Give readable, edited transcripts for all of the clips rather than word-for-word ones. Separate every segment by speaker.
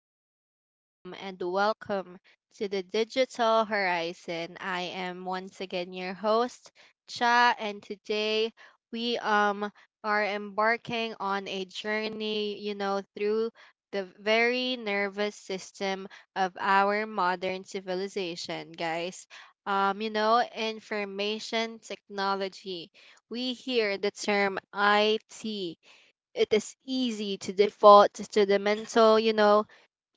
Speaker 1: everyone, and welcome to the Digital Horizon. I am once again your host, Cha, and today we are embarking on a journey, through the very nervous system of our modern civilization, guys. Information technology. We hear the term IT. It is easy to default to the mental,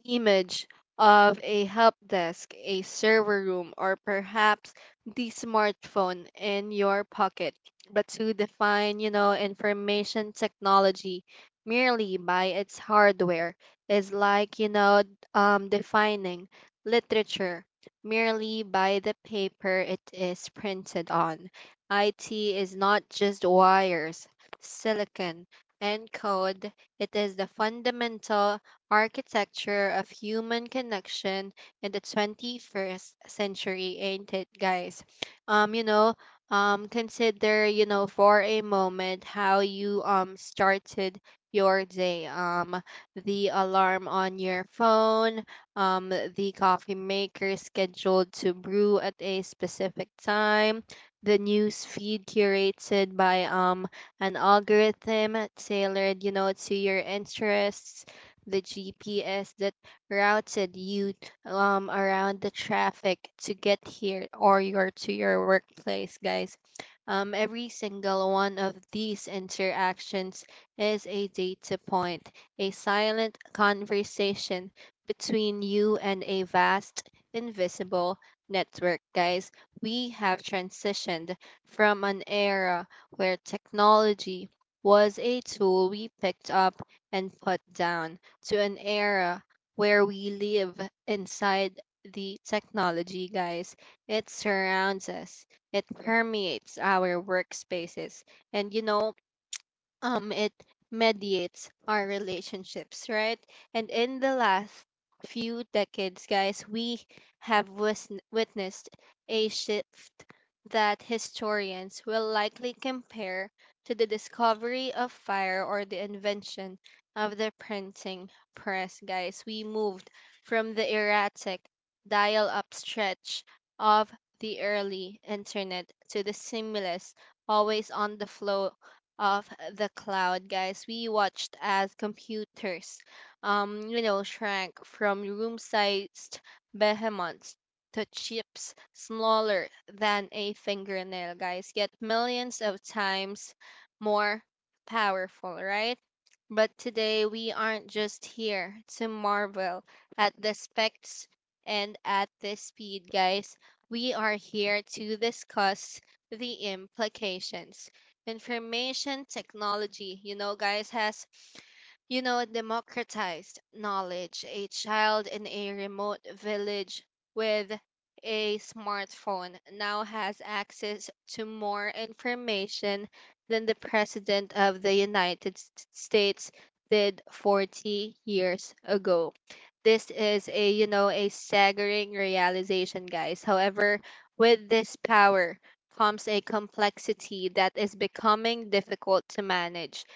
Speaker 1: image of a help desk, a server room, or perhaps the smartphone in your pocket. But to define, information technology merely by its hardware is like, defining literature merely by the paper it is printed on. IT is not just wires, silicon, and code. It is the fundamental architecture of human connection in the 21st century, ain't it, guys? Um, you know, Consider, for a moment how you started your day. The alarm on your phone, the coffee maker scheduled to brew at a specific time, the news feed curated by an algorithm tailored, to your interests. The GPS that routed you, around the traffic to get here, or your to your workplace, guys. Every single one of these interactions is a data point, a silent conversation between you and a vast, invisible network, guys. We have transitioned from an era where technology was a tool we picked up and put down to an era where we live inside the technology, guys. It surrounds us, it permeates our workspaces. And, it mediates our relationships, right? And in the last few decades, guys, we have witnessed a shift that historians will likely compare to the discovery of fire or the invention of the printing press. Guys, we moved from the erratic dial up stretch of the early internet to the seamless, always on the flow of the cloud, guys. We watched as computers, shrank from room-sized behemoths to chips smaller than a fingernail, guys, yet millions of times more powerful, right? But today we aren't just here to marvel at the specs and at the speed, guys. We are here to discuss the implications. Information technology, guys, has, democratized knowledge. A child in a remote village with a smartphone now has access to more information than the President of the United States did 40 years ago. This is, a staggering realization, guys. However, with this power comes a complexity that is becoming difficult to manage.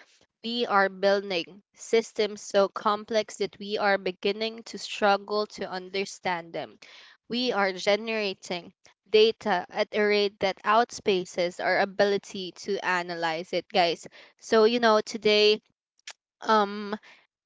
Speaker 1: We are building systems so complex that we are beginning to struggle to understand them. We are generating data at a rate that outspaces our ability to analyze it, guys. So, today, um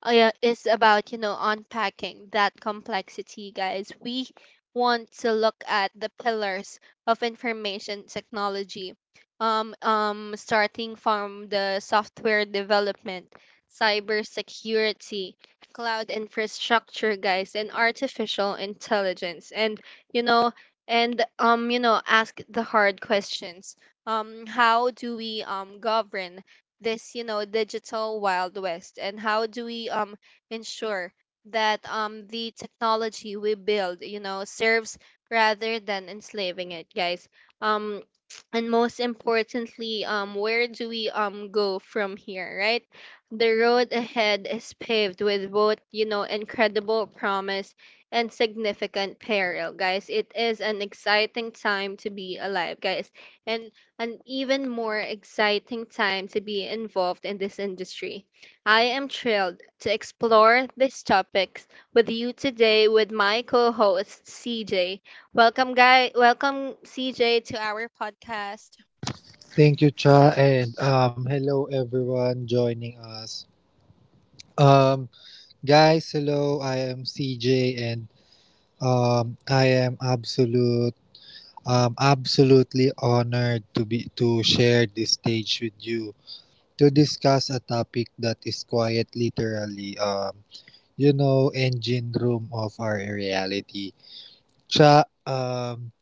Speaker 1: yeah, is about, unpacking that complexity, guys. We want to look at the pillars of information technology, starting from the software development, cybersecurity, cloud infrastructure, guys, and artificial intelligence. And, you know ask the hard questions. How do we govern this, digital wild west? And how do we ensure that the technology we build, serves rather than enslaving it, guys? um and most importantly, where do we go from here, right? The road ahead is paved with both, incredible promise and significant peril, guys. It is an exciting time to be alive, guys, and an even more exciting time to be involved in this industry. I am thrilled to explore these topics with you today with my co-host CJ. Welcome CJ to our podcast.
Speaker 2: Thank you, Cha, and hello everyone joining us. Um, Guys, hello. I am CJ, and I am absolutely honored to be to share this stage with you to discuss a topic that is quite literally, engine room of our reality. Cha,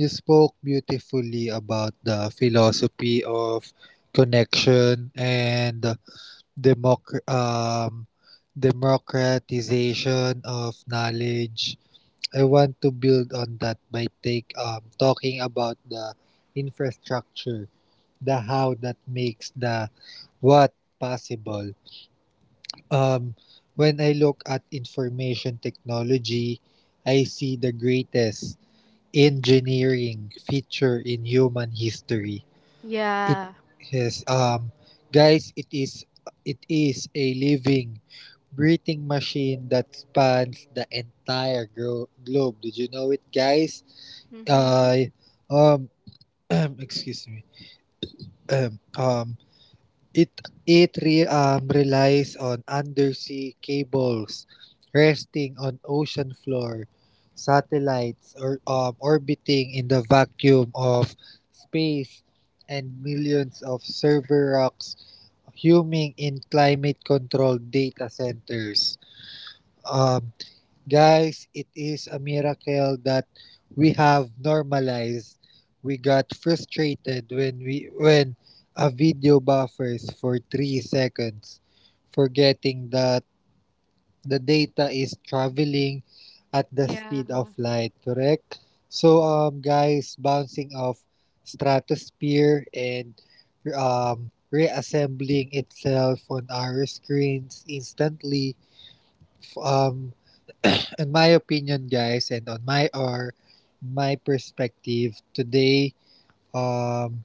Speaker 2: you spoke beautifully about the philosophy of connection and democ- um, democratization of knowledge. I want to build on that by take talking about the infrastructure, the how that makes the what possible. Um, when I look at information technology, I see the greatest engineering feature in human history it
Speaker 1: Yeah.
Speaker 2: yes, um, Guys, it is a living, breathing machine that spans the entire globe. Did you know it, guys?
Speaker 1: Mhm.
Speaker 2: Uh, um, excuse me. Um, um, it it relies on undersea cables resting on ocean floor, satellites or orbiting in the vacuum of space, and millions of server rocks huming in climate controlled data centers. Um, Guys, it is a miracle that we have normalized. We got frustrated when a video buffers for 3 seconds, forgetting that the data is traveling at the
Speaker 1: Yeah.
Speaker 2: speed of light, correct? So, guys, bouncing off stratosphere and reassembling itself on our screens instantly. Um, in my opinion, guys, and on my perspective, um,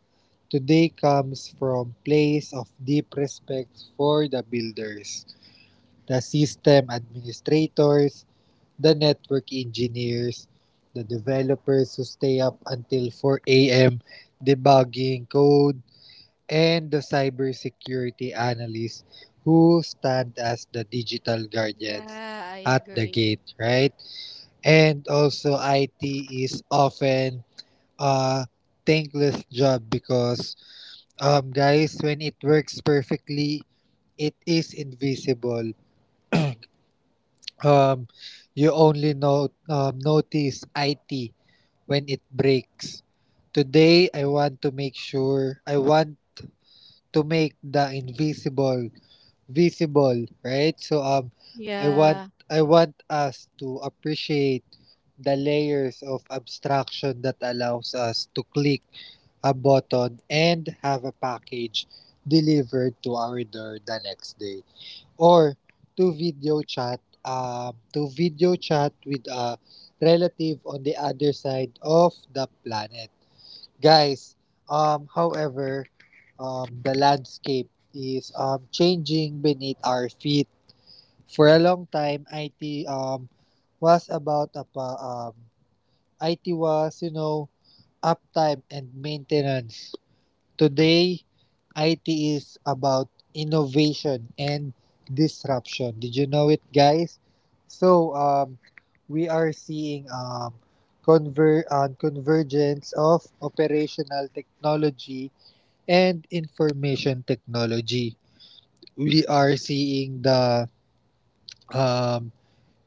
Speaker 2: today comes from place of deep respect for the builders, the system administrators, the network engineers, the developers who stay up until 4 a.m. debugging code, and the cybersecurity analysts who stand as the digital guardians
Speaker 1: Yeah, I
Speaker 2: at the
Speaker 1: agree.
Speaker 2: gate, right? And also, IT is often a thankless job because, guys, when it works perfectly, it is invisible. Um, you only know notice IT when it breaks. Today, I want to make the invisible visible, right? So, I want,
Speaker 1: Yeah.
Speaker 2: I want us to appreciate the layers of abstraction that allows us to click a button and have a package delivered to our door the next day. Or to to video chat with a relative on the other side of the planet. Guys, however, the landscape is changing beneath our feet. For a long time, IT um, was about apa, um, IT was, uptime and maintenance. Today, IT is about innovation and disruption. Did you know it, guys? So, we are seeing convergence of operational technology and information technology. We are seeing the um,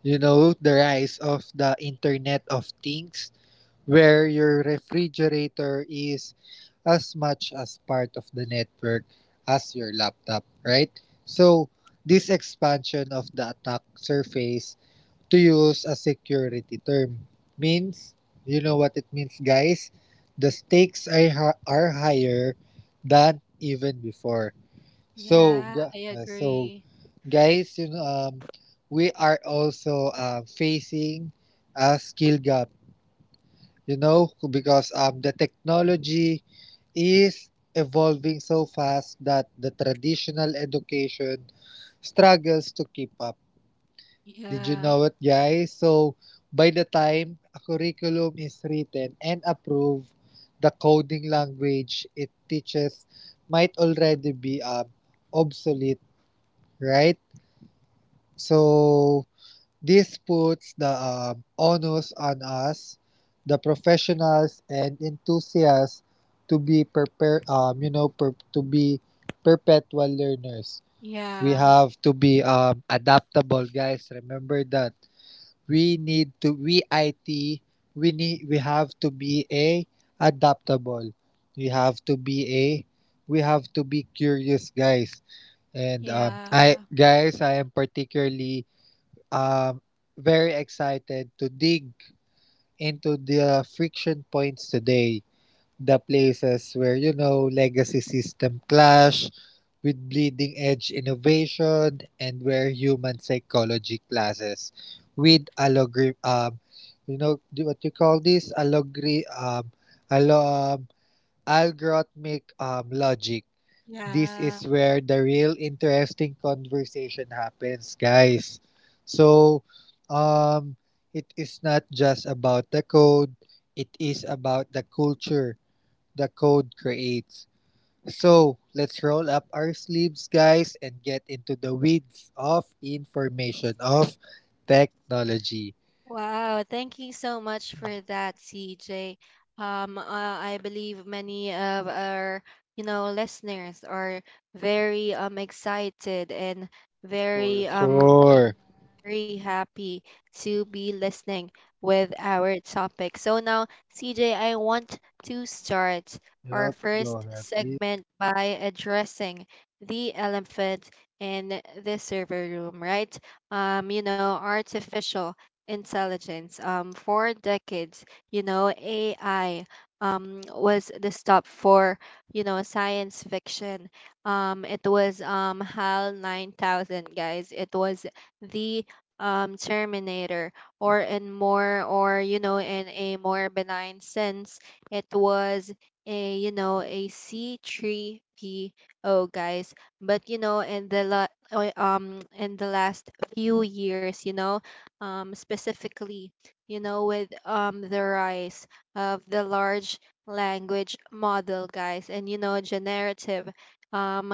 Speaker 2: you know the rise of the Internet of Things, where your refrigerator is as much as part of the network as your laptop, right? So this expansion of the attack surface to use a security term means you know what it means guys the stakes are, are higher than even before. So,
Speaker 1: Yeah, I agree.
Speaker 2: guys, we are also facing a skill gap. You know, because the technology is evolving so fast that the traditional education struggles to keep up. Did you
Speaker 1: Yeah.
Speaker 2: know it, guys? So, by the time a curriculum is written and approved, the coding language it teaches might already be obsolete, right? So this puts the onus on us, the professionals and enthusiasts, to be prepared. To be perpetual learners. We
Speaker 1: Yeah.
Speaker 2: have to be adaptable, guys. Remember that we need to. We IT. We need. We have to be a adaptable. We have to be a. We have to be curious, guys. And
Speaker 1: Yeah.
Speaker 2: I am particularly um, very excited to dig into the friction points today, the places where, you know, legacy system clash with bleeding edge innovation and where human psychology clashes with algorithm, you know, do what you call this? Algori- alo- algorithmic logic. This
Speaker 1: Yeah.
Speaker 2: is where the real interesting conversation happens, guys. So, um, it is not just about the code, it is about the culture the code creates. So, let's roll up our sleeves, guys, and get into the weeds of information of technology.
Speaker 1: Wow, thank you so much for that, CJ. Um, uh, I believe many of our, listeners are very excited and
Speaker 2: For
Speaker 1: very um
Speaker 2: sure.
Speaker 1: very happy to be listening with our topic. So now, CJ, I want to start our
Speaker 2: Yup, go
Speaker 1: first
Speaker 2: ahead, please.
Speaker 1: segment by addressing the elephant in the server room, right? Artificial intelligence. For decades, AI was the stop for, science fiction. It was HAL 9000, guys. It was the, Terminator, or, in a more benign sense, it was a C3PO, guys. But, in the in the last few years, specifically, with the rise of the large language model, guys, and, generative um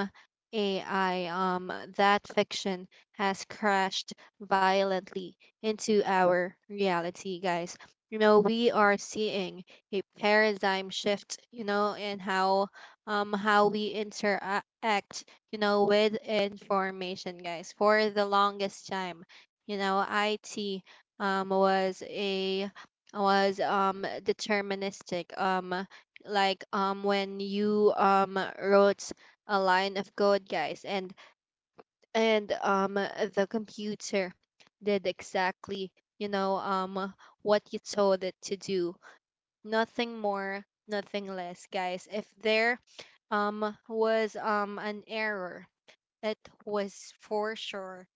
Speaker 1: AI, that fiction has crashed violently into our reality, guys. We are seeing a paradigm shift, in how we interact, with information, guys. For the longest time, IT was a was deterministic. Like, when you wrote a line of code, guys, and the computer did exactly, you know um what you told it to do, nothing more, nothing less, guys. If there was an error, it was for sure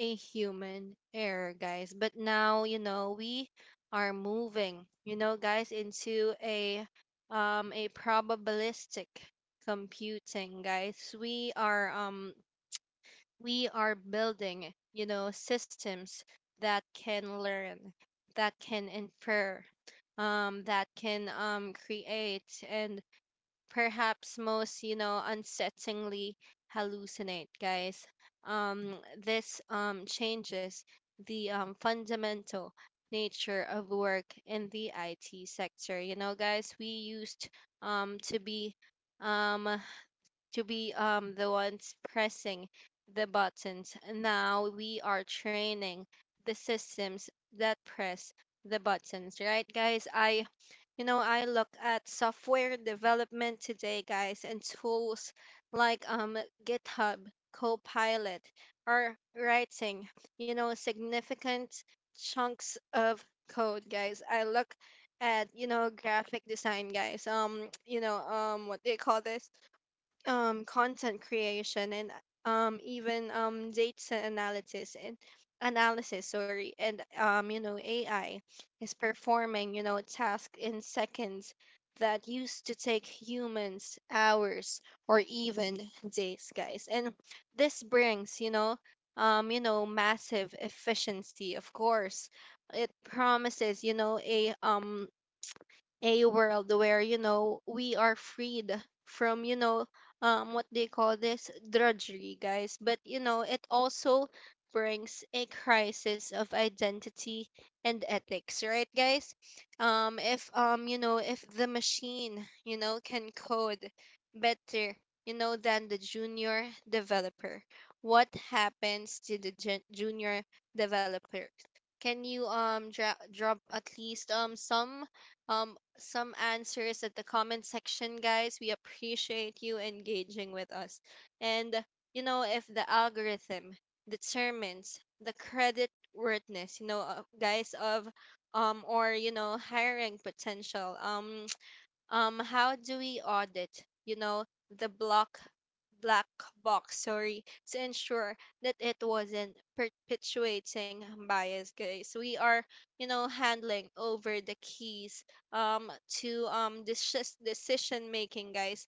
Speaker 1: a human error, guys. But now, we are moving, guys, into a probabilistic computing, guys. We are building, systems that can learn, that can infer, that can, create, and perhaps most, unsettlingly, hallucinate, guys. Um, this changes the fundamental nature of work in the IT sector. Guys, we used, um, to be um, to be the ones pressing the buttons. Now we are training the systems that press the buttons, right, guys? I look at software development today, guys, and tools like, GitHub, Copilot are writing, significant chunks of code, guys. I look at, graphic design, guys, what do you call this, content creation, and even data analysis and analysis, sorry, and, AI is performing, tasks in seconds that used to take humans hours or even days, guys. And this brings, massive efficiency. Of course, it promises, a world where, we are freed from, what they call this drudgery, guys. But, it also brings a crisis of identity and ethics, right, guys? If, if the machine, can code better, than the junior developer, what happens to the junior developer? Can you, drop at least, some answers at the comment section, guys? We appreciate you engaging with us. And, if the algorithm determines the credit worthiness, guys, of, or, hiring potential, how do we audit, the block black box, sorry, to ensure that it wasn't perpetuating bias, guys? We are, handling over the keys, to this decision making, guys,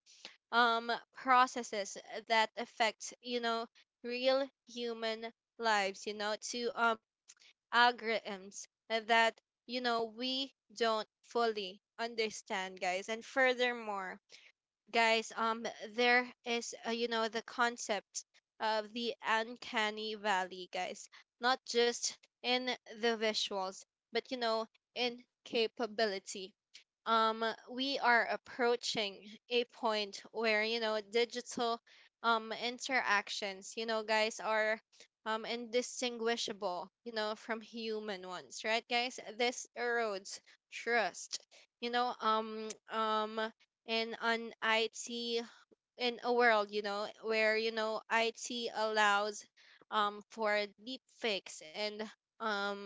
Speaker 1: um processes that affect, real human lives, to algorithms that, we don't fully understand, guys. And furthermore, guys, there is, the concept of the uncanny valley, guys, not just in the visuals, but, in capability. um we are approaching a point where, digital interactions, guys, are indistinguishable, from human ones, right, guys? This erodes trust, you know um um in on IT, in a world, where, IT allows for deep fakes and um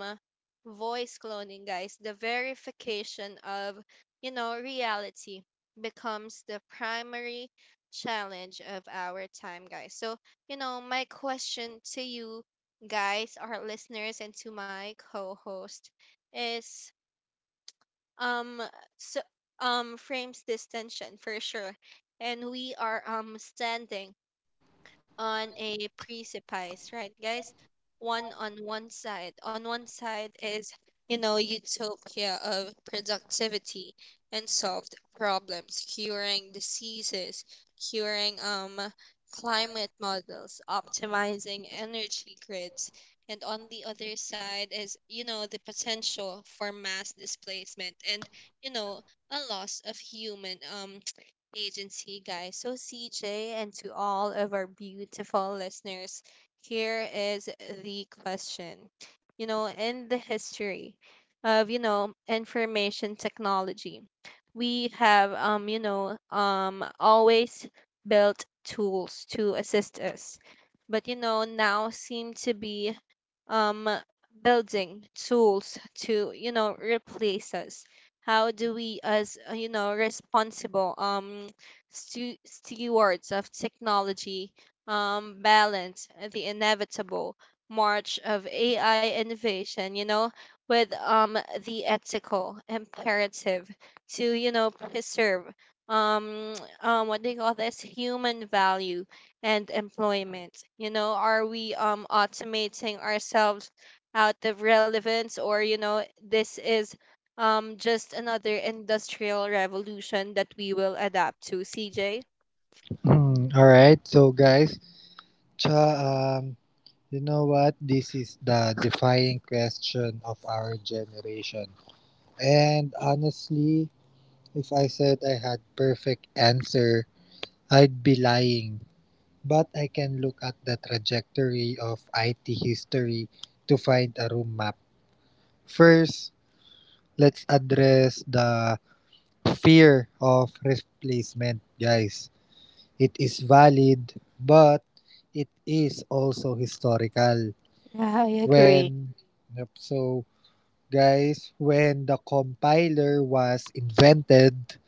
Speaker 1: voice cloning, guys. The verification of, reality becomes the primary challenge of our time, guys. So, my question to you, guys, our listeners, and to my co-host is, um so frames this tension for sure, and we are standing on a precipice, right, guys? One on one side. On one side is, utopia of productivity and solved problems, curing diseases, curing, climate models, optimizing energy grids. And on the other side is, the potential for mass displacement and, you know, a loss of human agency, guys. So, CJ, and to all of our beautiful listeners, here is the question. In the history of, information technology, we have, always built tools to assist us. But, now seem to be um building tools to, replace us. How do we, as, responsible, stewards of technology, balance the inevitable march of AI innovation, with the ethical imperative to, preserve, um what do you call this, human value and employment? Are we automating ourselves out of relevance? Or this is just another industrial revolution that we will adapt to, CJ?
Speaker 2: All right, so guys, cha, you know what? This is the defining question of our generation. And honestly, if I said I had perfect answer, I'd be lying. But I can look at the trajectory of IT history to find a room map. First, let's address the fear of replacement, guys. It is valid, but it is also historical.
Speaker 1: Yeah, I agree.
Speaker 2: When Yep, so Guys, when the compiler was invented,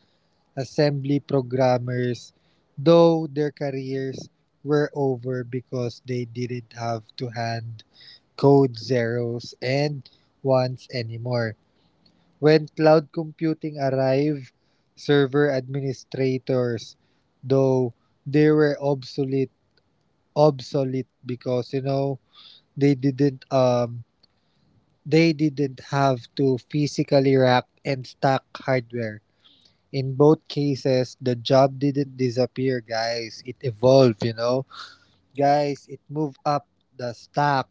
Speaker 2: assembly programmers, though their careers were over because they didn't have to hand code zeros and ones anymore. When cloud computing arrived, server administrators, though they were obsolete because they didn't um they didn't have to physically rack and stack hardware. In both cases, the job didn't disappear, guys. It evolved, you know. Guys, it moved up the stack.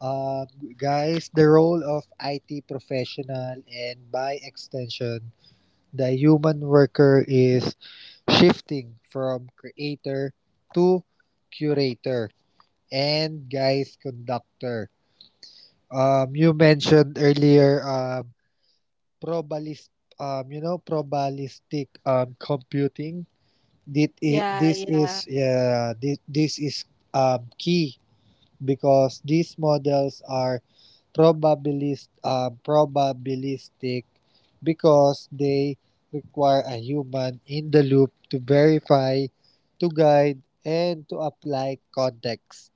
Speaker 2: Um, Guys, the role of IT professional and by extension, the human worker is shifting from creator to curator and guys conductor. You mentioned earlier probalis- probabilistic computing.
Speaker 1: Yeah, yeah.
Speaker 2: This is key because these models are probabilistic because they require a human in the loop to verify, to guide, and to apply context.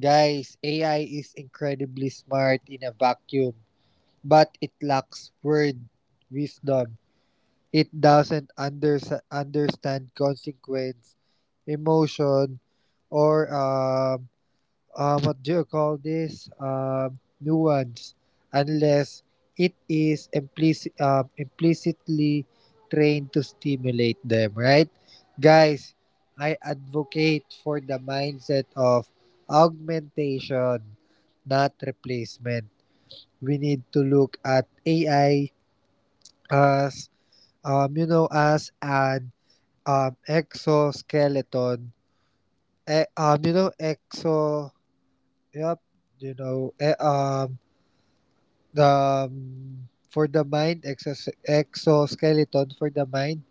Speaker 2: Guys, AI is incredibly smart in a vacuum, but it lacks word wisdom. It doesn't unders- understand consequence, emotion, or what do you call this? Nuance, unless it is implicitly trained to stimulate them, right? Guys, I advocate for the mindset of augmentation, not replacement. We need to look at AI as as an exoskeleton. Eh, you know exo yep you know eh, the for the mind exos- Exoskeleton for the mind.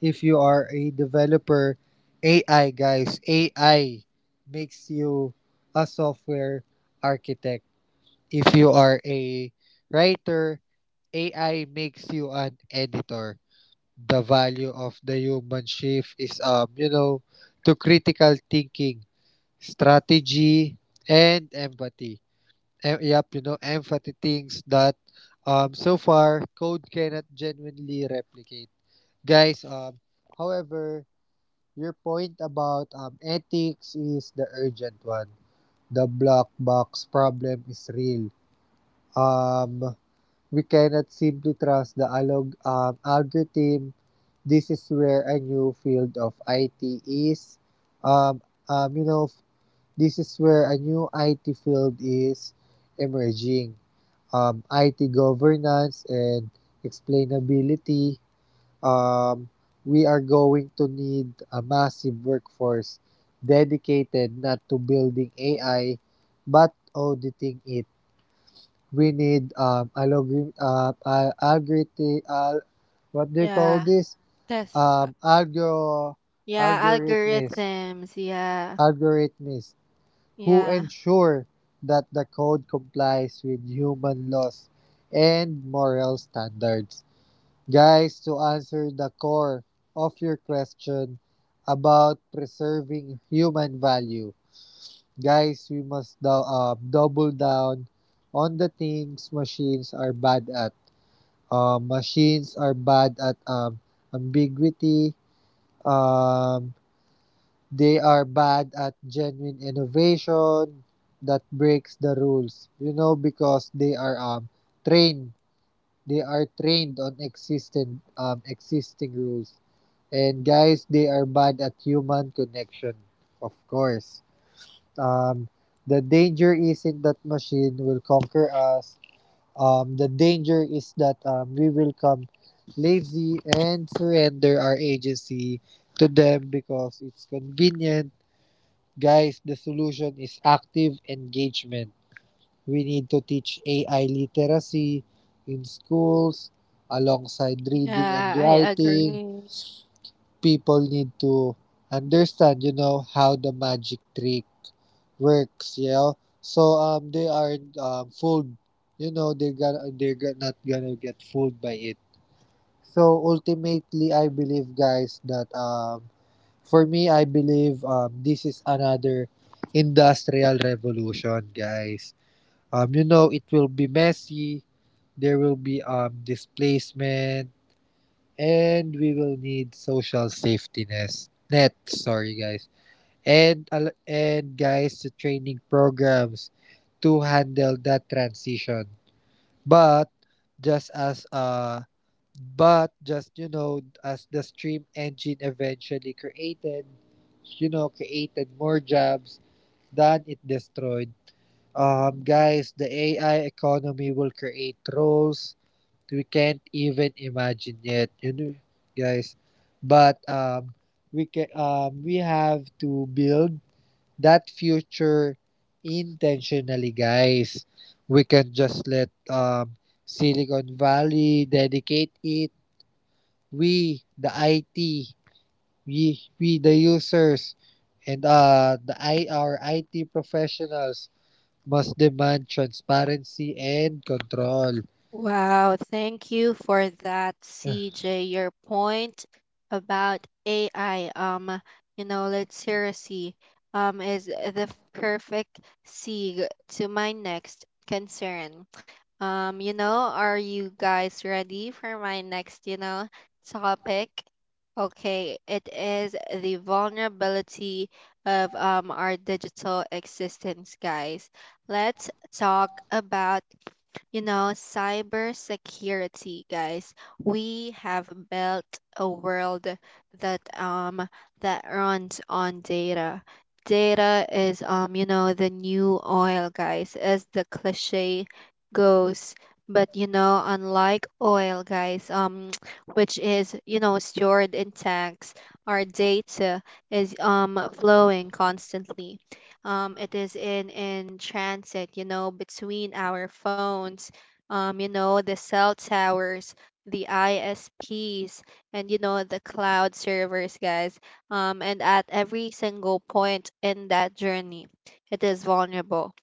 Speaker 2: If you are a developer, AI makes you a software architect. If you are a writer, AI makes you an editor. The value of the human shift is to critical thinking, strategy, and empathy. Empathy, things that so far code cannot genuinely replicate. Guys, however, your point about ethics is the urgent one. The black box problem is real. Um, we cannot simply trust the algorithm. This is where a new field of IT is, um, you know, This is where a new IT field is emerging. IT governance and explainability. Um, we are going to need a massive workforce dedicated not to building AI but auditing it. We need algori- al- algorithm, al- what do you call
Speaker 1: Yeah.
Speaker 2: this?
Speaker 1: Yes.
Speaker 2: Algo,
Speaker 1: Yeah,
Speaker 2: algorithms,
Speaker 1: algorithms. Yeah.
Speaker 2: algorithms who
Speaker 1: Yeah.
Speaker 2: ensure that the code complies with human laws and moral standards. Guys, to answer the core of your question about preserving human value, guys, we must double down on the things machines are bad at. Machines are bad at ambiguity, um, they are bad at genuine innovation that breaks the rules, you know, because trained they are trained on existing existing rules, and guys they are bad at human connection, of course. um the danger isn't that machine will conquer us. The danger is that, we will come lazy and surrender our agency to them because it's convenient. Guys, the solution is active engagement. We need to teach AI literacy in schools alongside reading and
Speaker 1: Yeah, I
Speaker 2: writing.
Speaker 1: agree.
Speaker 2: People need to understand, you know, how the magic trick works, you know. So they aren't fooled. You know, they're not gonna get fooled by it. So ultimately I believe guys I believe this is another industrial revolution, guys. You know, it will be messy. There will be displacement, and we will need social safety nets. Net, sorry, guys. And guys, the training programs to handle that transition. But just as uh, But just, you know, as the stream engine eventually created more jobs than it destroyed. Guys, the AI economy will create roles we can't even imagine yet. You know, guys, but we have to build that future intentionally, guys. We can just let Silicon Valley dedicate it. we the IT, we the users, and the I our IT professionals must demand transparency and control.
Speaker 1: Wow, thank you for that,
Speaker 2: Yeah.
Speaker 1: CJ. Your point about AI, let's seriously, is the perfect segue to my next concern. Are you guys ready for my next, topic? Okay, it is the vulnerability of our digital existence, guys. Let's talk about, cybersecurity, guys. We have built a world that that runs on data. Data is, the new oil, guys, as the cliche goes. But you know, unlike oil, guys, which is, stored in tanks, our data is flowing constantly. It is in transit, you know, between our phones, you know, the cell towers, the ISPs, and you know, the cloud servers, guys. And at every single point in that journey it is vulnerable,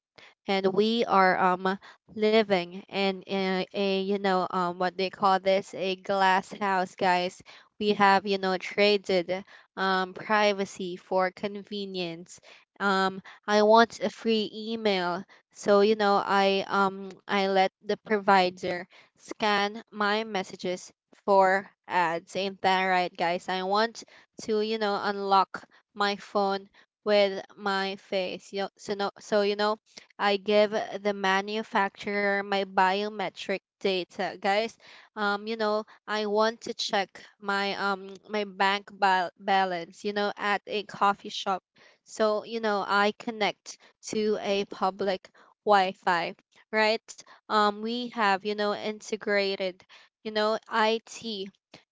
Speaker 1: and we are living in a you know, what they call this, a glass house, guys. We have, you know, traded privacy for convenience. um I want a free email, so you know, I let the provider scan my messages for ads. Ain't that right, guys? I want to, you know, unlock my phone with my face, you know, so no so you know, I give the manufacturer my biometric data. Guys, you know, I want to check my bank balance, you know, at a coffee shop. So, you know, I connect to a public Wi-Fi, right? We have, you know, integrated, you know, IT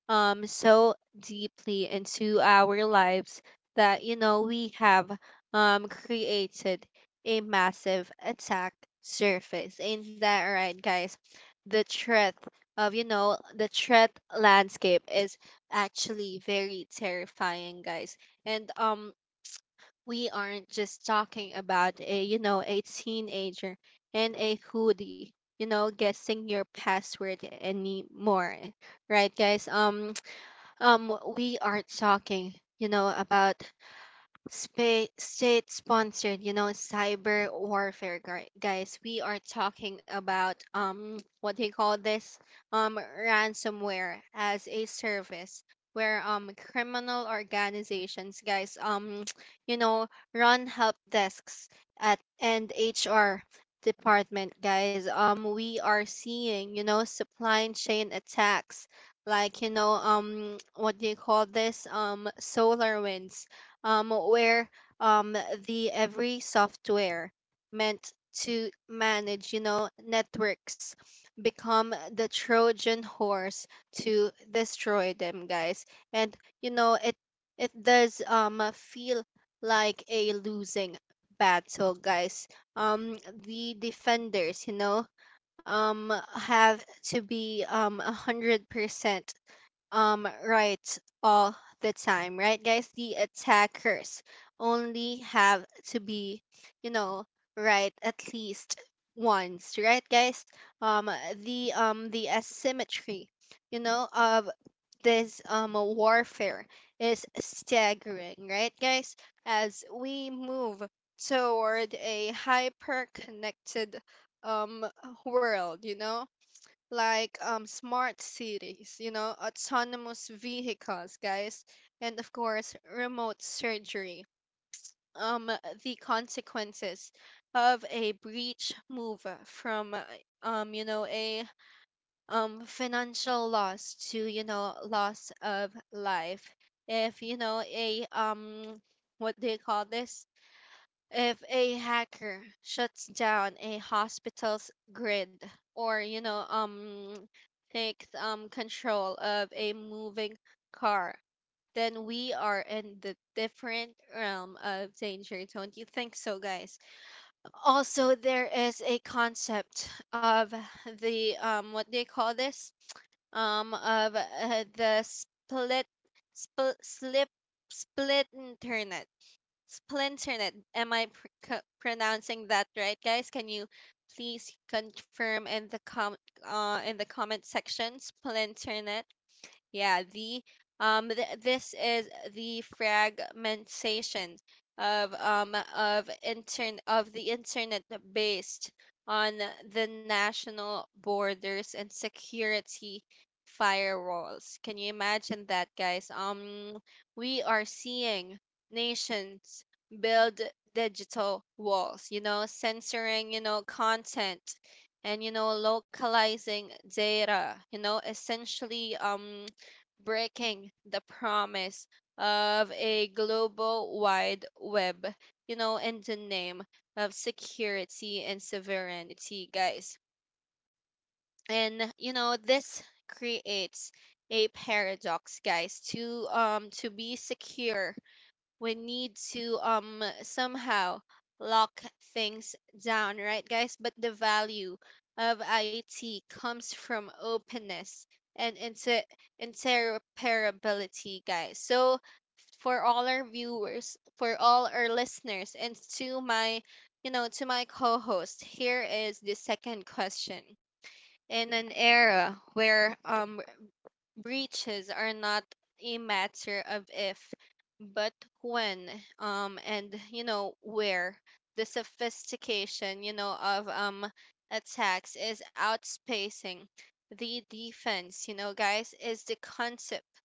Speaker 1: so deeply into our lives that you know, we have created a massive attack surface. Ain't that right, guys? The threat of, the threat landscape is actually very terrifying, guys. And we aren't just talking about, a you know, a teenager and a hoodie, you know, guessing your password anymore, right, guys? We are talking, you know, about state sponsored, you know, cyber warfare, guys. We are talking about what they call this, ransomware as a service, where criminal organizations, guys, you know, run help desks at and HR department, guys. We are seeing, you know, supply chain attacks like, you know, what do you call this, solar winds, where, um, the every software meant to manage, you know, networks become the Trojan horse to destroy them, guys. And you know, it does feel like a losing battle, guys. Um, the defenders, you know, have to be 100% right all the time, right, guys? The attackers only have to be, you know, right at least once, right, guys? um the asymmetry, you know, of this warfare is staggering, right, guys? As we move toward a hyper connected um world, you know, like, smart cities, you know, autonomous vehicles, guys, and of course, remote surgery. Um, the consequences of a breach move from you know, a financial loss to, you know, loss of life. If you know, a what do you call this? If a hacker shuts down a hospital's grid or, you know, takes control of a moving car, then we are in the different realm of danger, don't you think so, guys? Also, there is a concept of the, what do you call this of the spl- slip split internet. Splinternet. Am I pronouncing that right, guys? Can you please confirm in the com in the comment section, Splinternet? Yeah, the this is the fragmentation of, of intern of the internet based on the national borders and security firewalls. Can you imagine that, guys? We are seeing nations build digital walls, you know, censoring, you know, content, and you know, localizing data, you know, essentially breaking the promise of a global wide web, you know, in the name of security and sovereignty, guys. And you know, this creates a paradox, guys. To be secure, we need to somehow lock things down, right, guys? But the value of IT comes from openness and interoperability, guys. So for all our viewers, for all our listeners, and to my, to my co-host, here is the second question. In an era where breaches are not a matter of if, but when, and you know, where the sophistication, you know, of attacks is outspacing the defense. You know, guys, is the concept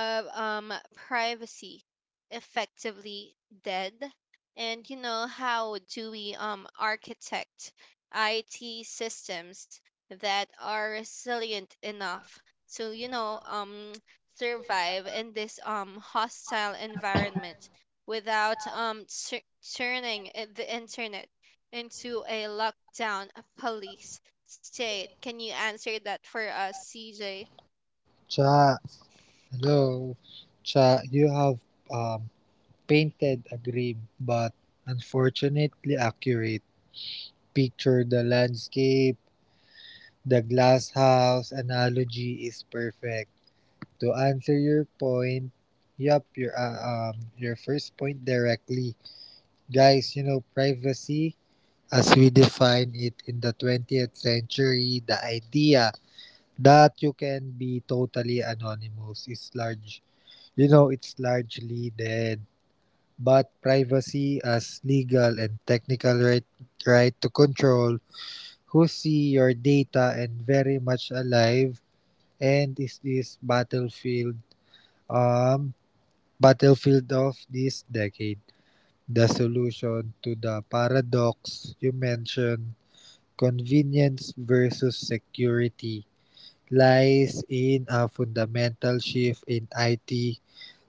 Speaker 1: of privacy effectively dead, and you know, how do we architect IT systems that are resilient enough to, you know, survive in this hostile environment without turning the internet into a lockdown police state? Can you answer that for us, CJ?
Speaker 2: Cha, hello, Cha. You have um painted a grim but unfortunately accurate picture. The landscape, the glass house analogy is perfect. To answer your point, Yup, your uh, your first point directly. Guys, you know, privacy, as we define it in the 20th century, the idea that you can be totally anonymous is it's largely dead. But privacy as legal and technical right, right to control who see your data and very much alive and is this battlefield um battlefield of this decade. The solution to the paradox you mentioned, convenience versus security, lies in a fundamental shift in IT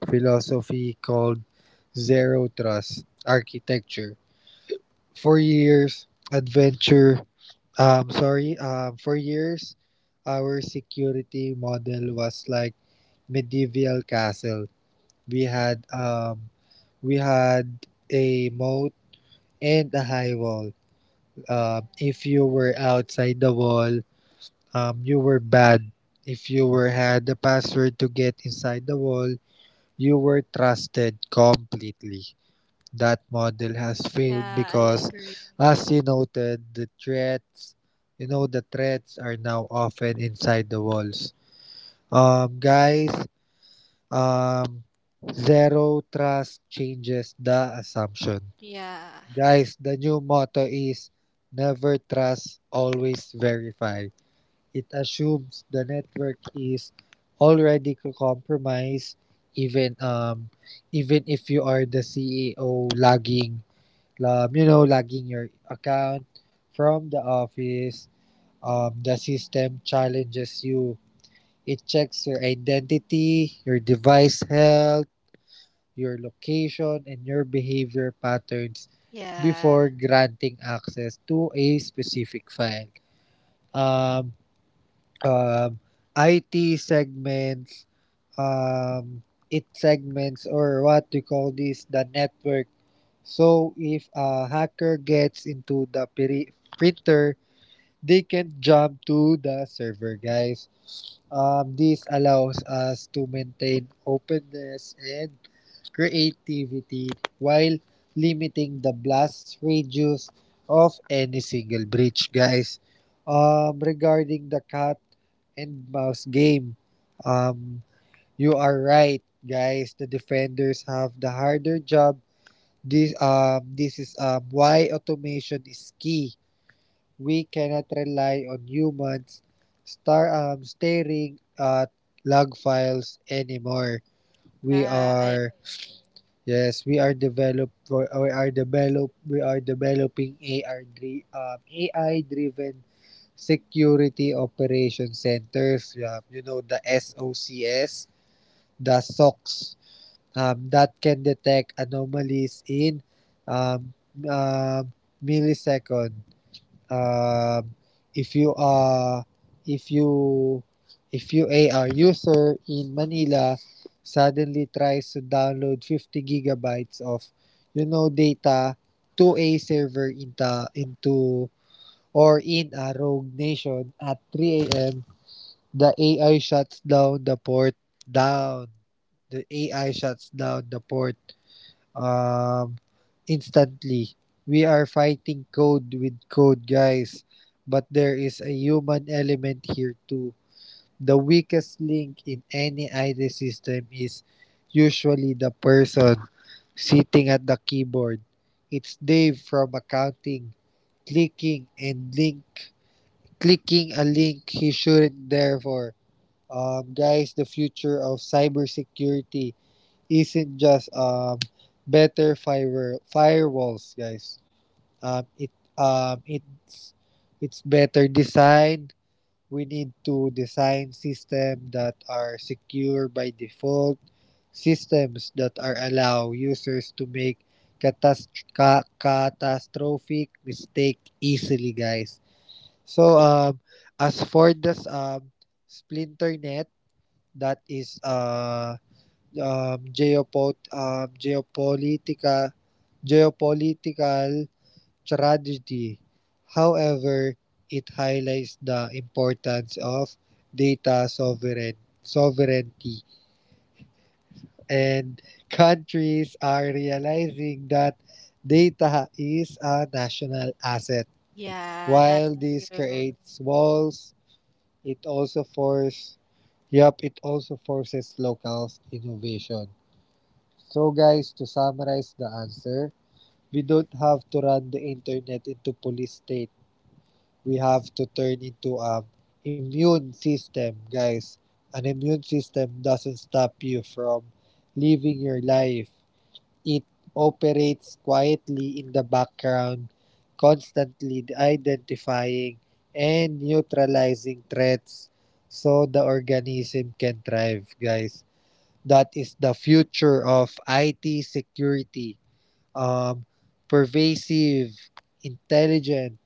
Speaker 2: philosophy called zero trust architecture. For years, adventure, for years, our security model was like medieval castle. We had um, we had a moat and a high wall. If you were outside the wall, you were bad. If you were had the password to get inside the wall, you were trusted completely. That model has failed
Speaker 1: Yeah, I
Speaker 2: because,
Speaker 1: agree.
Speaker 2: as you noted, the threats are now often inside the walls. Guys, um, zero trust changes the assumption.
Speaker 1: Yeah,
Speaker 2: Guys, the new motto is never trust, always verify. It assumes the network is already compromised, even um even if you are the CEO logging logging your account from the office. The system challenges you. It checks your identity, your device health, your location, and your behavior patterns
Speaker 1: yeah,
Speaker 2: before granting access to a specific file. Um, um, IT segments, um, it segments, or what we call this, the network. So if a hacker gets into the printer, they can jump to the server, guys. This allows us to maintain openness and creativity while limiting the blast radius of any single breach, guys. Regarding the cat and mouse game, um, you are right, guys. The defenders have the harder job. This is why automation is key. We cannot rely on humans staring at log files anymore. We
Speaker 1: yeah, I,
Speaker 2: are Yes, we are developing AI driven security operation centers. The SOCS, the SOCs that can detect anomalies in um, um, millisecond. uh, if you are if you if you are user in Manila suddenly tries to download 50 gigabytes of data to a server in the into or in a rogue nation at 3 a.m., the AI shuts down the port down the AI shuts down the port um, instantly. We are fighting code with code, guys, but there is a human element here too. The weakest link in any IT system is usually the person sitting at the keyboard. It's Dave from accounting, clicking and link, clicking a link he shouldn't. Therefore, guys, the future of cybersecurity isn't just better fire firewalls, guys. Um, it um it's it's better design. We need to design systems that are secure by default, systems that are allow users to make catastrophic mistake easily, guys. So um as for this splinter net, that is um, geopot um, geopolitica, geopolitical tragedy. However, it highlights the importance of data sovereignty, and countries are realizing that data is a national asset.
Speaker 1: yeah, that's
Speaker 2: While this
Speaker 1: true.
Speaker 2: creates walls, it also force yep, it also forces local innovation. So guys, to summarize the answer, we don't have to run the internet into police state. We have to turn into a immune system, guys. An immune system doesn't stop you from living your life. It operates quietly in the background, constantly identifying and neutralizing threats so the organism can thrive, guys. That is the future of IT security. um, Pervasive, intelligent,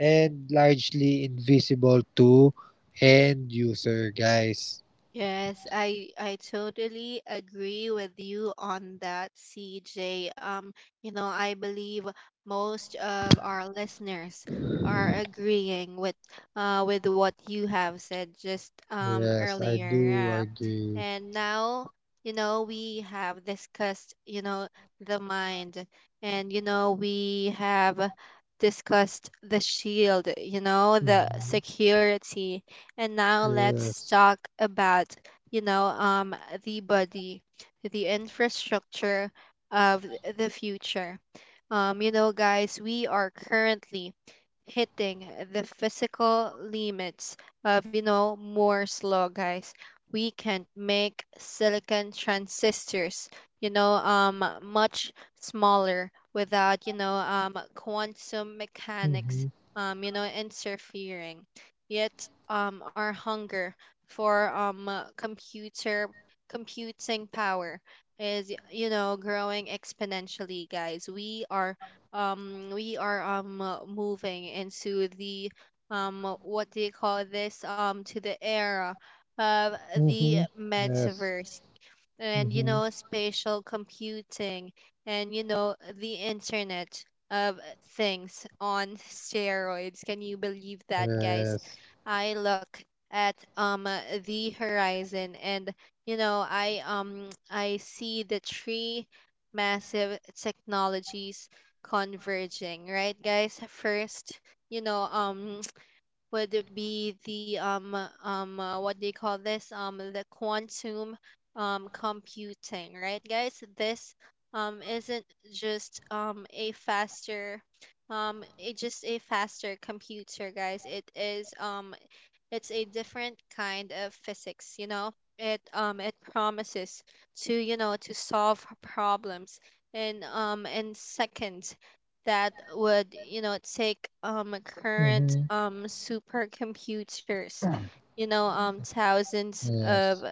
Speaker 2: and largely invisible to end user, guys.
Speaker 1: Yes, I totally agree with you on that, CJ. You know, I believe most of our listeners are agreeing with what you have said just
Speaker 2: Yes, I
Speaker 1: earlier.
Speaker 2: do
Speaker 1: Yeah.
Speaker 2: agree.
Speaker 1: And now, you know, we have discussed, you know, the mind, and you know, we have discussed the shield, you know, the
Speaker 2: Mhm.
Speaker 1: security, and now let's
Speaker 2: Yes.
Speaker 1: talk about, you know, the body, the infrastructure of the future. You know, guys, we are currently hitting the physical limits of, you know, Moore's law, guys. We can make silicon transistors, you know, much smaller without, you know, quantum mechanics,
Speaker 2: Mm-hmm.
Speaker 1: you know, interfering. Yet our hunger for, computer computing power is, you know, growing exponentially, guys. We are moving into the, what do you call this to the era of the
Speaker 2: Mm-hmm. Yes.
Speaker 1: metaverse and, you
Speaker 2: Mm-hmm.
Speaker 1: know, spatial computing, and you know, the internet of things on steroids. Can you believe that, guys?
Speaker 2: Yes.
Speaker 1: I look at, the horizon, and you know, I see the three massive technologies converging, right, guys? First, you know, would it be the, what do you call this the quantum computing, right, guys? This isn't just a faster it just a faster computer, guys. It's a different kind of physics, you know. It promises to, you know, to solve problems in, in seconds, that would, you know, take current
Speaker 2: Mm-hmm.
Speaker 1: supercomputers, you know, thousands of
Speaker 2: Yes.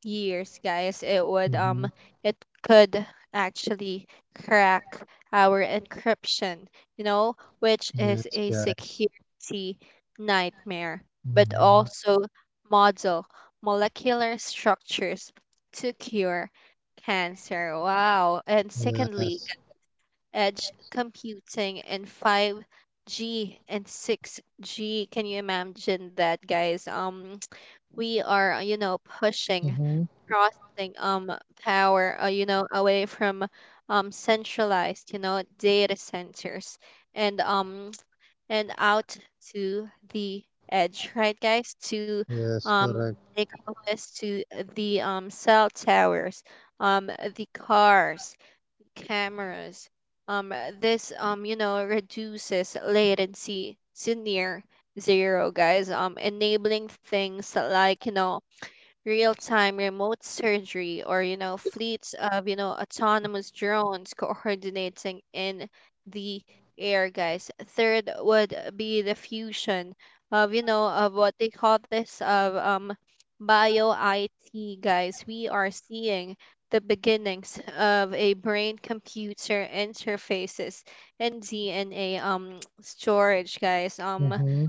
Speaker 1: years, guys.
Speaker 2: Mm-hmm.
Speaker 1: It could actually crack our encryption, you know, which is
Speaker 2: Yes,
Speaker 1: a
Speaker 2: guys.
Speaker 1: security nightmare, but
Speaker 2: Mm-hmm.
Speaker 1: also model molecular structures to cure cancer. Wow. And secondly,
Speaker 2: Yes.
Speaker 1: edge computing in 5G and 6G. Can you imagine that, guys? We are, you know,
Speaker 2: Mm-hmm.
Speaker 1: crossing power, you know, away from centralized, you know, data centers, and and out to the edge, right, guys? To,
Speaker 2: Yes,
Speaker 1: um
Speaker 2: correct.
Speaker 1: they call this to the cell towers, the cars, cameras. Um, this, you know, reduces latency to near zero, guys. Enabling things like, you know, real time remote surgery, or you know, fleets of, you know, autonomous drones coordinating in the air, guys. Third would be the fusion of, you know, of what they call this of bio IT, guys. We are seeing the beginnings of a brain computer interfaces and DNA storage, guys.
Speaker 2: Mm-hmm.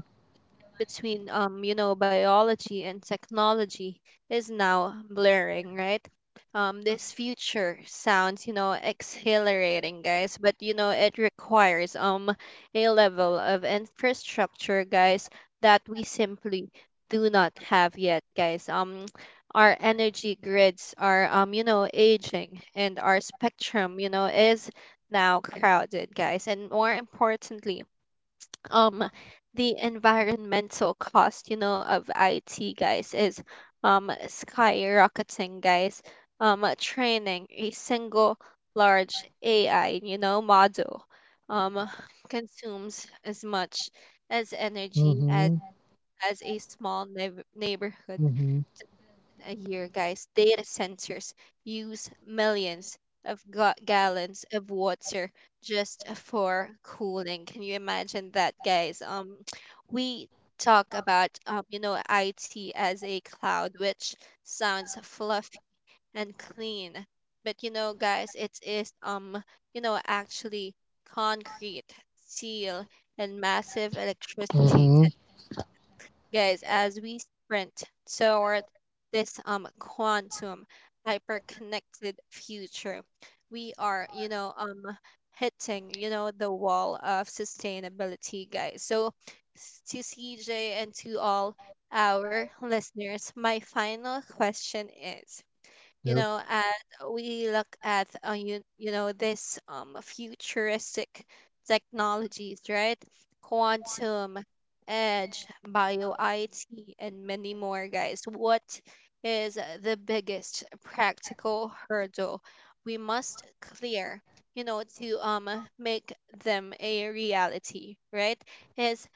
Speaker 1: between, you know, biology and technology is now blurring, right? This future sounds, you know, exhilarating, guys, but you know, it requires a level of infrastructure, guys, that we simply do not have yet, guys. Our energy grids are, you know, aging, and our spectrum, you know, is now crowded, guys. And more importantly, um the environmental cost, you know, of IT, guys, is skyrocketing, guys. Training a single large AI, you know, model um consumes as much as energy
Speaker 2: Mm-hmm.
Speaker 1: as a small neighborhood
Speaker 2: Mm-hmm.
Speaker 1: a year, guys. Data centers use millions of gallons of water just for cooling. Can you imagine that, guys? We talk about, you know, IT as a cloud, which sounds fluffy and clean, but you know, guys, it is, you know, actually concrete, steel, and massive electricity,
Speaker 2: Mm-hmm.
Speaker 1: guys. As we sprint toward this quantum hyper-connected future, we are, you know, hitting, you know, the wall of sustainability, guys. So, to CJ and to all our listeners, my final question is, you
Speaker 2: Yep.
Speaker 1: know, and we look at, you know, this futuristic technologies, right? Quantum, edge, bio IT, and many more, guys. What is the biggest practical hurdle we must clear, you know, to make them a reality, right? Is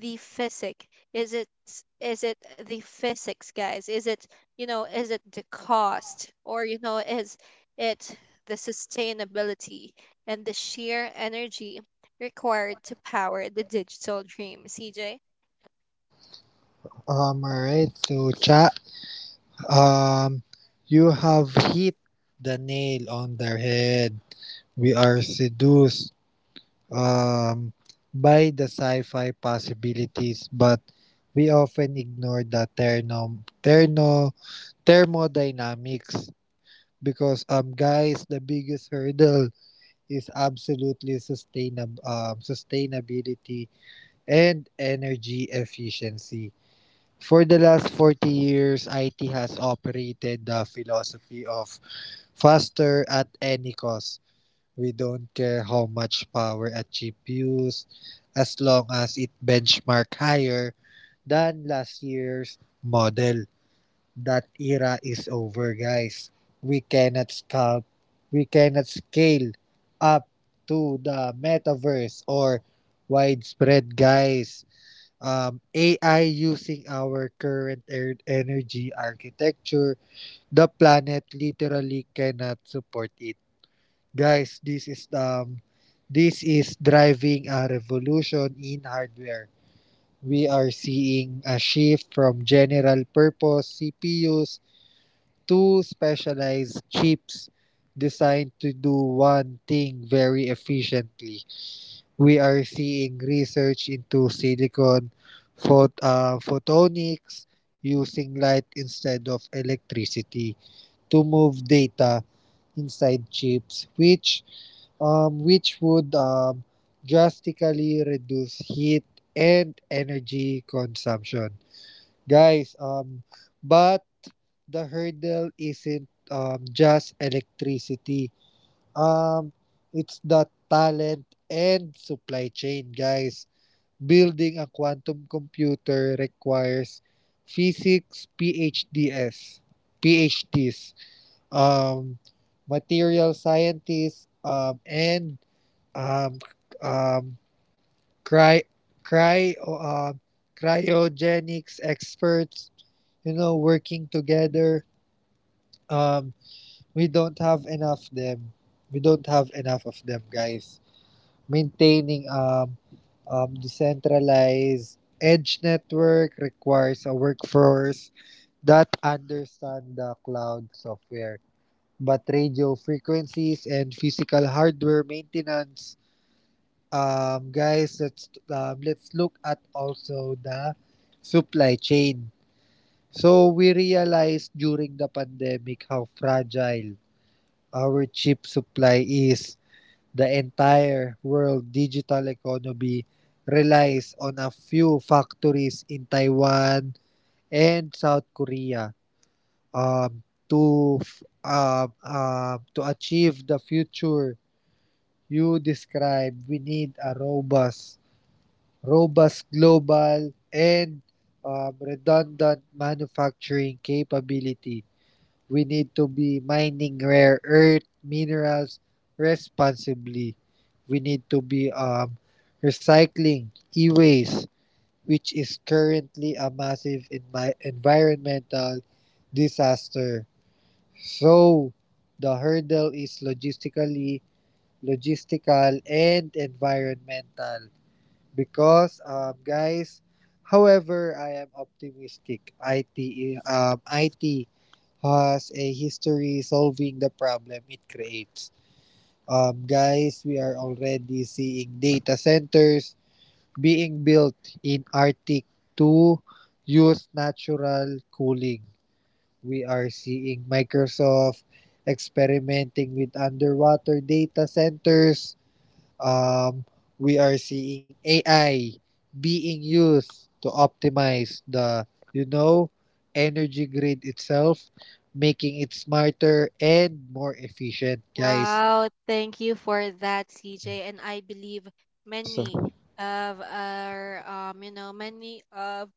Speaker 1: the physics? is it is it the physics, guys? Is it, you know, is it the cost, or you know, is it the sustainability and the sheer energy required to power the digital dream, CJ?
Speaker 2: Alright, so chat, um, you have hit the nail on the head. We are seduced um, by the sci fi possibilities, but we often ignore the thermodynamics because, guys, the biggest hurdle is absolutely sustainability and energy efficiency. For the last 40 years, IT has operated the philosophy of faster at any cost. We don't care how much power a chip uses as long as it benchmark higher than last year's model. That era is over, guys. We cannot scalp, we cannot scale up to the metaverse or widespread, guys. AI using our current energy architecture, the planet literally cannot support it. Guys, this is driving a revolution in hardware. We are seeing a shift from general purpose CPUs to specialized chips designed to do one thing very efficiently. We are seeing research into silicon photonics, using light instead of electricity to move data inside chips, which would drastically reduce heat and energy consumption, guys. But the hurdle isn't just electricity, um it's the talent and supply chain, guys. Building a quantum computer requires physics PhDs, PhDs, um, material scientists, and um, um, cry, cry, um, cryogenics experts, you know, working together. Um, we don't have enough them. We don't have enough of them, guys. Maintaining decentralized edge network requires a workforce that understand the cloud software. But radio frequencies and physical hardware maintenance, guys, let's look at also the supply chain. So we realized during the pandemic how fragile our chip supply is. The entire world digital economy relies on a few factories in Taiwan and South Korea, um, to achieve the future you described. We need a robust global and redundant manufacturing capability. We need to be mining rare earth minerals responsibly. We need to be recycling e-waste, which is currently a massive environmental disaster. So the hurdle is logistical and environmental because guys however I am optimistic it it has a history solving the problem it creates. Guys, we are already seeing data centers being built in Arctic to use natural cooling. We are seeing Microsoft experimenting with underwater data centers, um, we are seeing AI being used to optimize the, you know, energy grid itself, making it smarter and more efficient, guys.
Speaker 1: Wow, thank you for that, CJ. And I believe
Speaker 2: So,
Speaker 1: many many of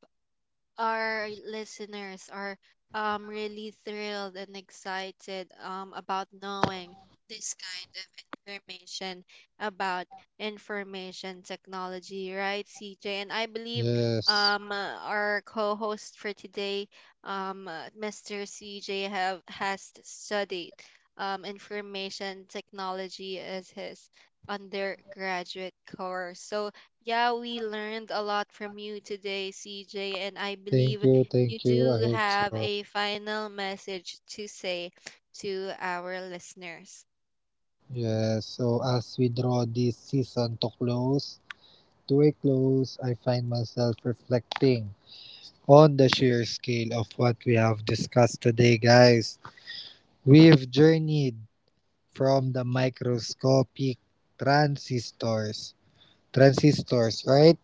Speaker 1: our listeners are really thrilled and excited about knowing this kind of information about information technology, right, CJ? And I believe
Speaker 2: yes.
Speaker 1: our co-host for today, Mr. CJ, have has studied information technology as his undergraduate course. So yeah, we learned a lot from you today, CJ, and I
Speaker 2: Thank
Speaker 1: believe
Speaker 2: you,
Speaker 1: you
Speaker 2: thank you. I
Speaker 1: do
Speaker 2: hope
Speaker 1: have
Speaker 2: so.
Speaker 1: a final message to say to our listeners.
Speaker 2: Yes. So as we draw this season to to a close, I find myself reflecting on the sheer scale of what we have discussed today, guys. We've journeyed from the microscopic transistors, transistors, right,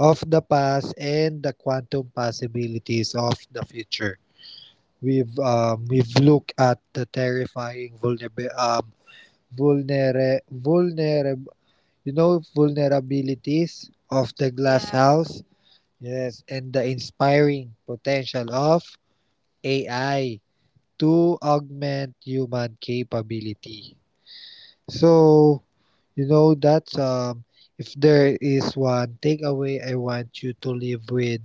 Speaker 2: of the past and the quantum possibilities of the future. We've looked at the terrifying vulnerable, vulnerabilities of the glass
Speaker 1: Yeah,
Speaker 2: house, yes, and the inspiring potential of AI to augment human capability. So You know that If there is one takeaway I want you to leave with,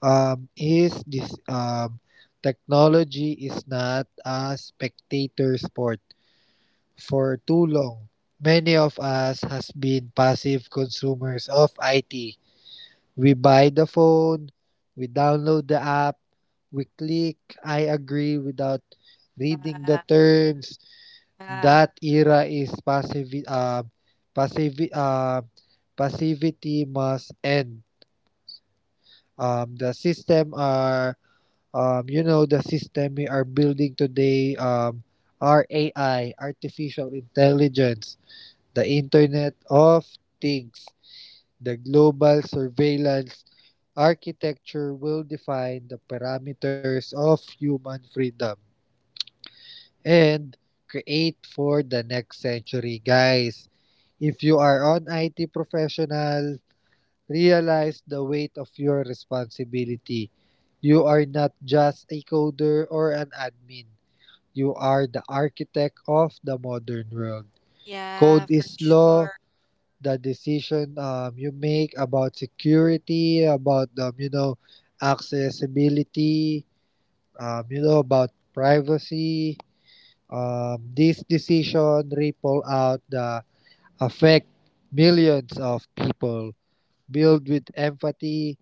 Speaker 2: is this: technology is not a spectator sport. For too long, many of us has been passive consumers of IT. We buy the phone, we download the app, we click I agree without reading the
Speaker 1: yeah,
Speaker 2: terms.
Speaker 1: yeah,
Speaker 2: That era is passive. Passive. uh, Passivity must end. Um, the system are, the system we are building today, our AI, artificial intelligence, the Internet of Things, the global surveillance architecture will define the parameters of human freedom and create for the next century, guys. If you are an IT professional, realize the weight of your responsibility. You are not just a coder or an admin. You are the architect of the modern world.
Speaker 1: yeah,
Speaker 2: Code
Speaker 1: for
Speaker 2: is law.
Speaker 1: sure.
Speaker 2: The decision you make about security, about accessibility, about privacy. This decision ripple out the affect millions of people. Build with empathy,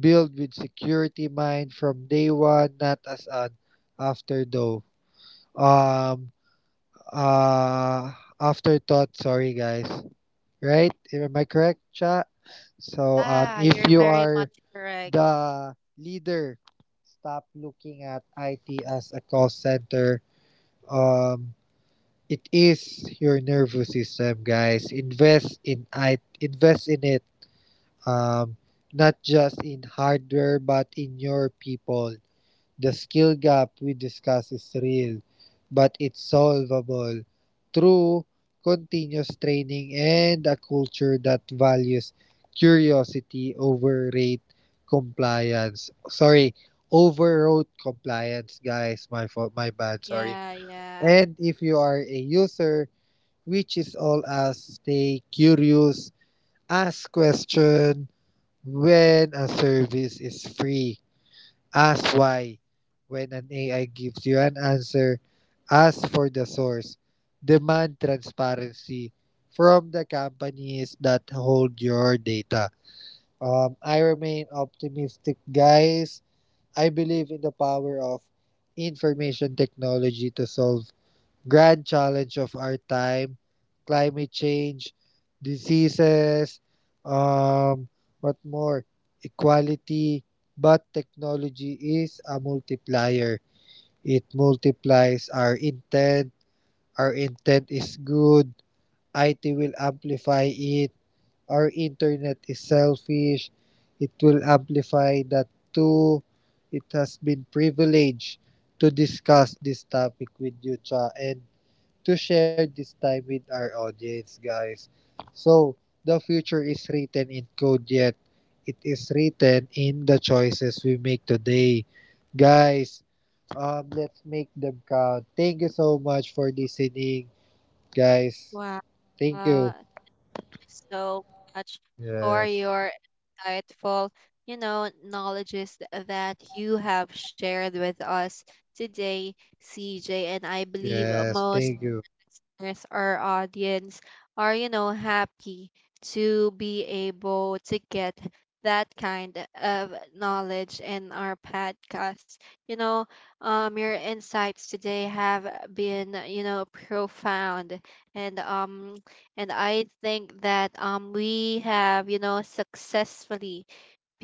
Speaker 2: build with security mind from day one, not as an after Um uh afterthought, sorry guys. Right? Am I correct, chat? So
Speaker 1: Yeah,
Speaker 2: if
Speaker 1: you're
Speaker 2: you
Speaker 1: very much
Speaker 2: are
Speaker 1: correct.
Speaker 2: the leader, stop looking at IT as a call center. Um it is your nervous system, guys. Invest in it. Um Not just in hardware but in your people. The skill gap we discuss is real, but it's solvable through continuous training and a culture that values curiosity over rate compliance. Sorry, overrode compliance, guys. My fault, my bad. Sorry.
Speaker 1: Yeah, yeah.
Speaker 2: And if you are a user, which is all us, stay curious, ask question when a service is free. Ask why. When an AI gives you an answer, ask for the source. Demand transparency from the companies that hold your data. I remain optimistic, guys. I believe in the power of information technology to solve grand challenge of our time: climate change, diseases, um, what more, equality. But technology is a multiplier. It multiplies our intent. Our intent is good. IT will amplify it. Our internet is selfish. It will amplify that too. It has been privileged to discuss this topic with you, Cha, and to share this time with our audience, guys. So, the future is written in code, yet it is written in the choices we make today. Guys, let's make them count. Thank you so much for listening, guys.
Speaker 1: Wow,
Speaker 2: Thank you.
Speaker 1: so much for
Speaker 2: Yes.
Speaker 1: your insightful, knowledges that you have shared with us today, CJ. And I believe
Speaker 2: Yes.
Speaker 1: most
Speaker 2: Thank you.
Speaker 1: listeners, our audience are, happy to be able to get that kind of knowledge in our podcast. You know, your insights today have been, profound, and um, and I think that we have, successfully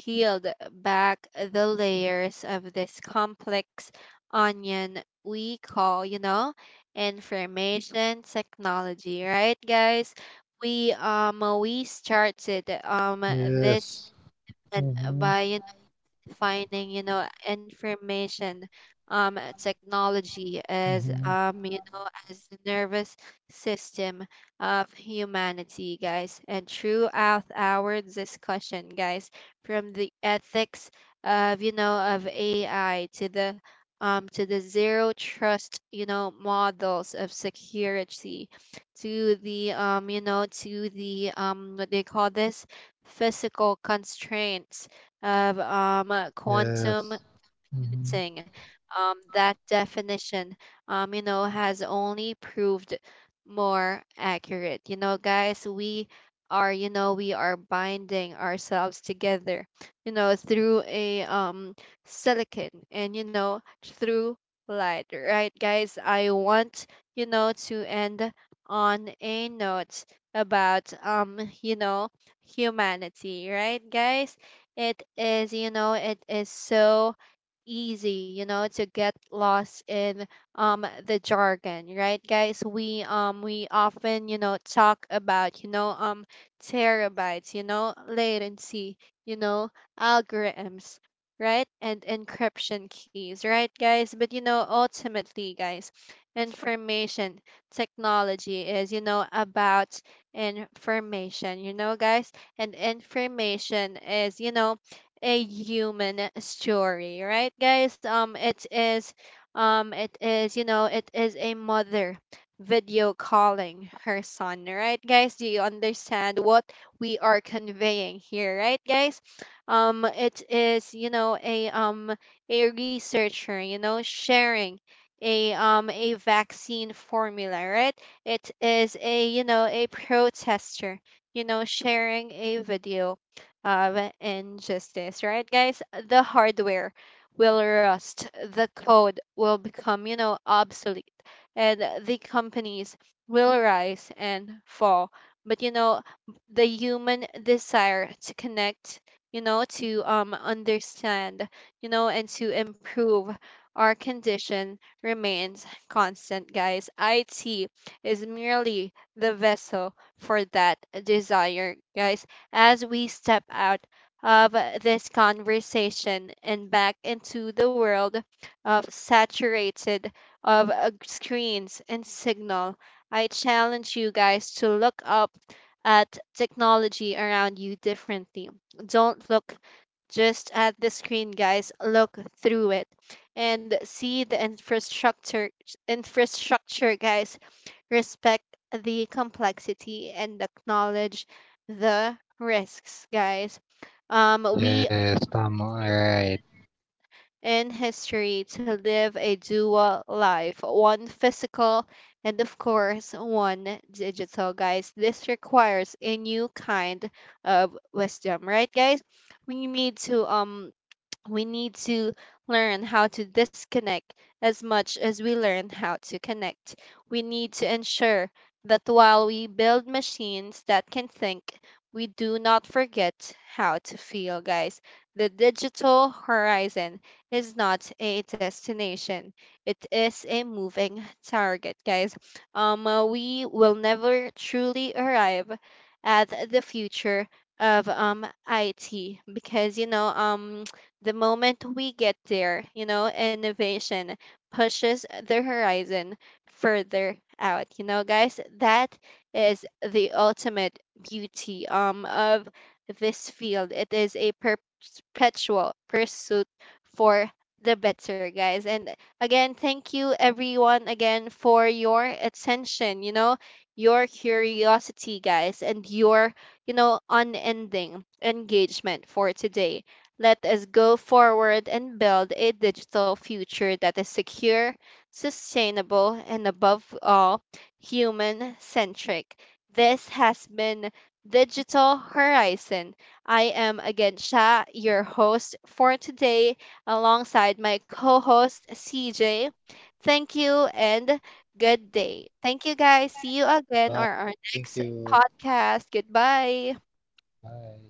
Speaker 1: peeled back the layers of this complex onion we call, information technology, right, guys? We started this
Speaker 2: Yes.
Speaker 1: and
Speaker 2: Mm-hmm.
Speaker 1: by finding information technology as
Speaker 2: Mm-hmm.
Speaker 1: you know as the nervous system of humanity, guys. And throughout our discussion, guys, from the ethics of you know of AI to the zero trust models of security to the what they call this physical constraints of quantum
Speaker 2: Yes. Mm-hmm.
Speaker 1: commuting. That definition, has only proved more accurate. Guys, we are binding ourselves together, through a silicon and, through light, right, guys? I want, to end on a note about, humanity, right, guys? It is so easy, to get lost in the jargon, right, guys? We often, talk about, terabytes, latency, you know, algorithms, right? And encryption keys, right, guys? But ultimately, guys, information technology is, about information, guys? And information is, a human story, right, guys? It is a mother video calling her son, right, guys? Do you understand what we are conveying here, right, guys? It is, a a researcher, sharing a a vaccine formula, right? It is a protester, sharing a video and justice, right, guys? The hardware will rust, the code will become, obsolete, and the companies will rise and fall. But, the human desire to connect, to understand, and to improve our condition remains constant, guys. IT is merely the vessel for that desire, guys, as we step out of this conversation and back into the world of saturated of screens and signal. I challenge you guys to look up at technology around you differently. Don't look just at the screen, guys. Look through it and see the infrastructure, guys. Respect the complexity and acknowledge the risks, guys. We
Speaker 2: Yes. Tama. All right.
Speaker 1: in history to live a dual life, one physical and of course one digital, guys. This requires a new kind of wisdom, right, guys? We need to um we need to learn how to disconnect as much as we learn how to connect. We need to ensure that while we build machines that can think, we do not forget how to feel, guys. The digital horizon is not a destination, it is a moving target, guys. We will never truly arrive at the future of IT because the moment we get there, innovation pushes the horizon further out. Guys, that is the ultimate beauty of this field. It is a perpetual pursuit for the better, guys. And again, thank you everyone again for your attention, your curiosity, guys, and your, unending engagement for today. Let us go forward and build a digital future that is secure, sustainable, and above all, human centric. This has been Digital Horizon. I am again Sha, your host for today, alongside my co host CJ. Thank you and good day. Thank you guys. See you again
Speaker 2: Bye.
Speaker 1: on our
Speaker 2: Thank
Speaker 1: next
Speaker 2: you.
Speaker 1: podcast. Goodbye.
Speaker 2: Bye.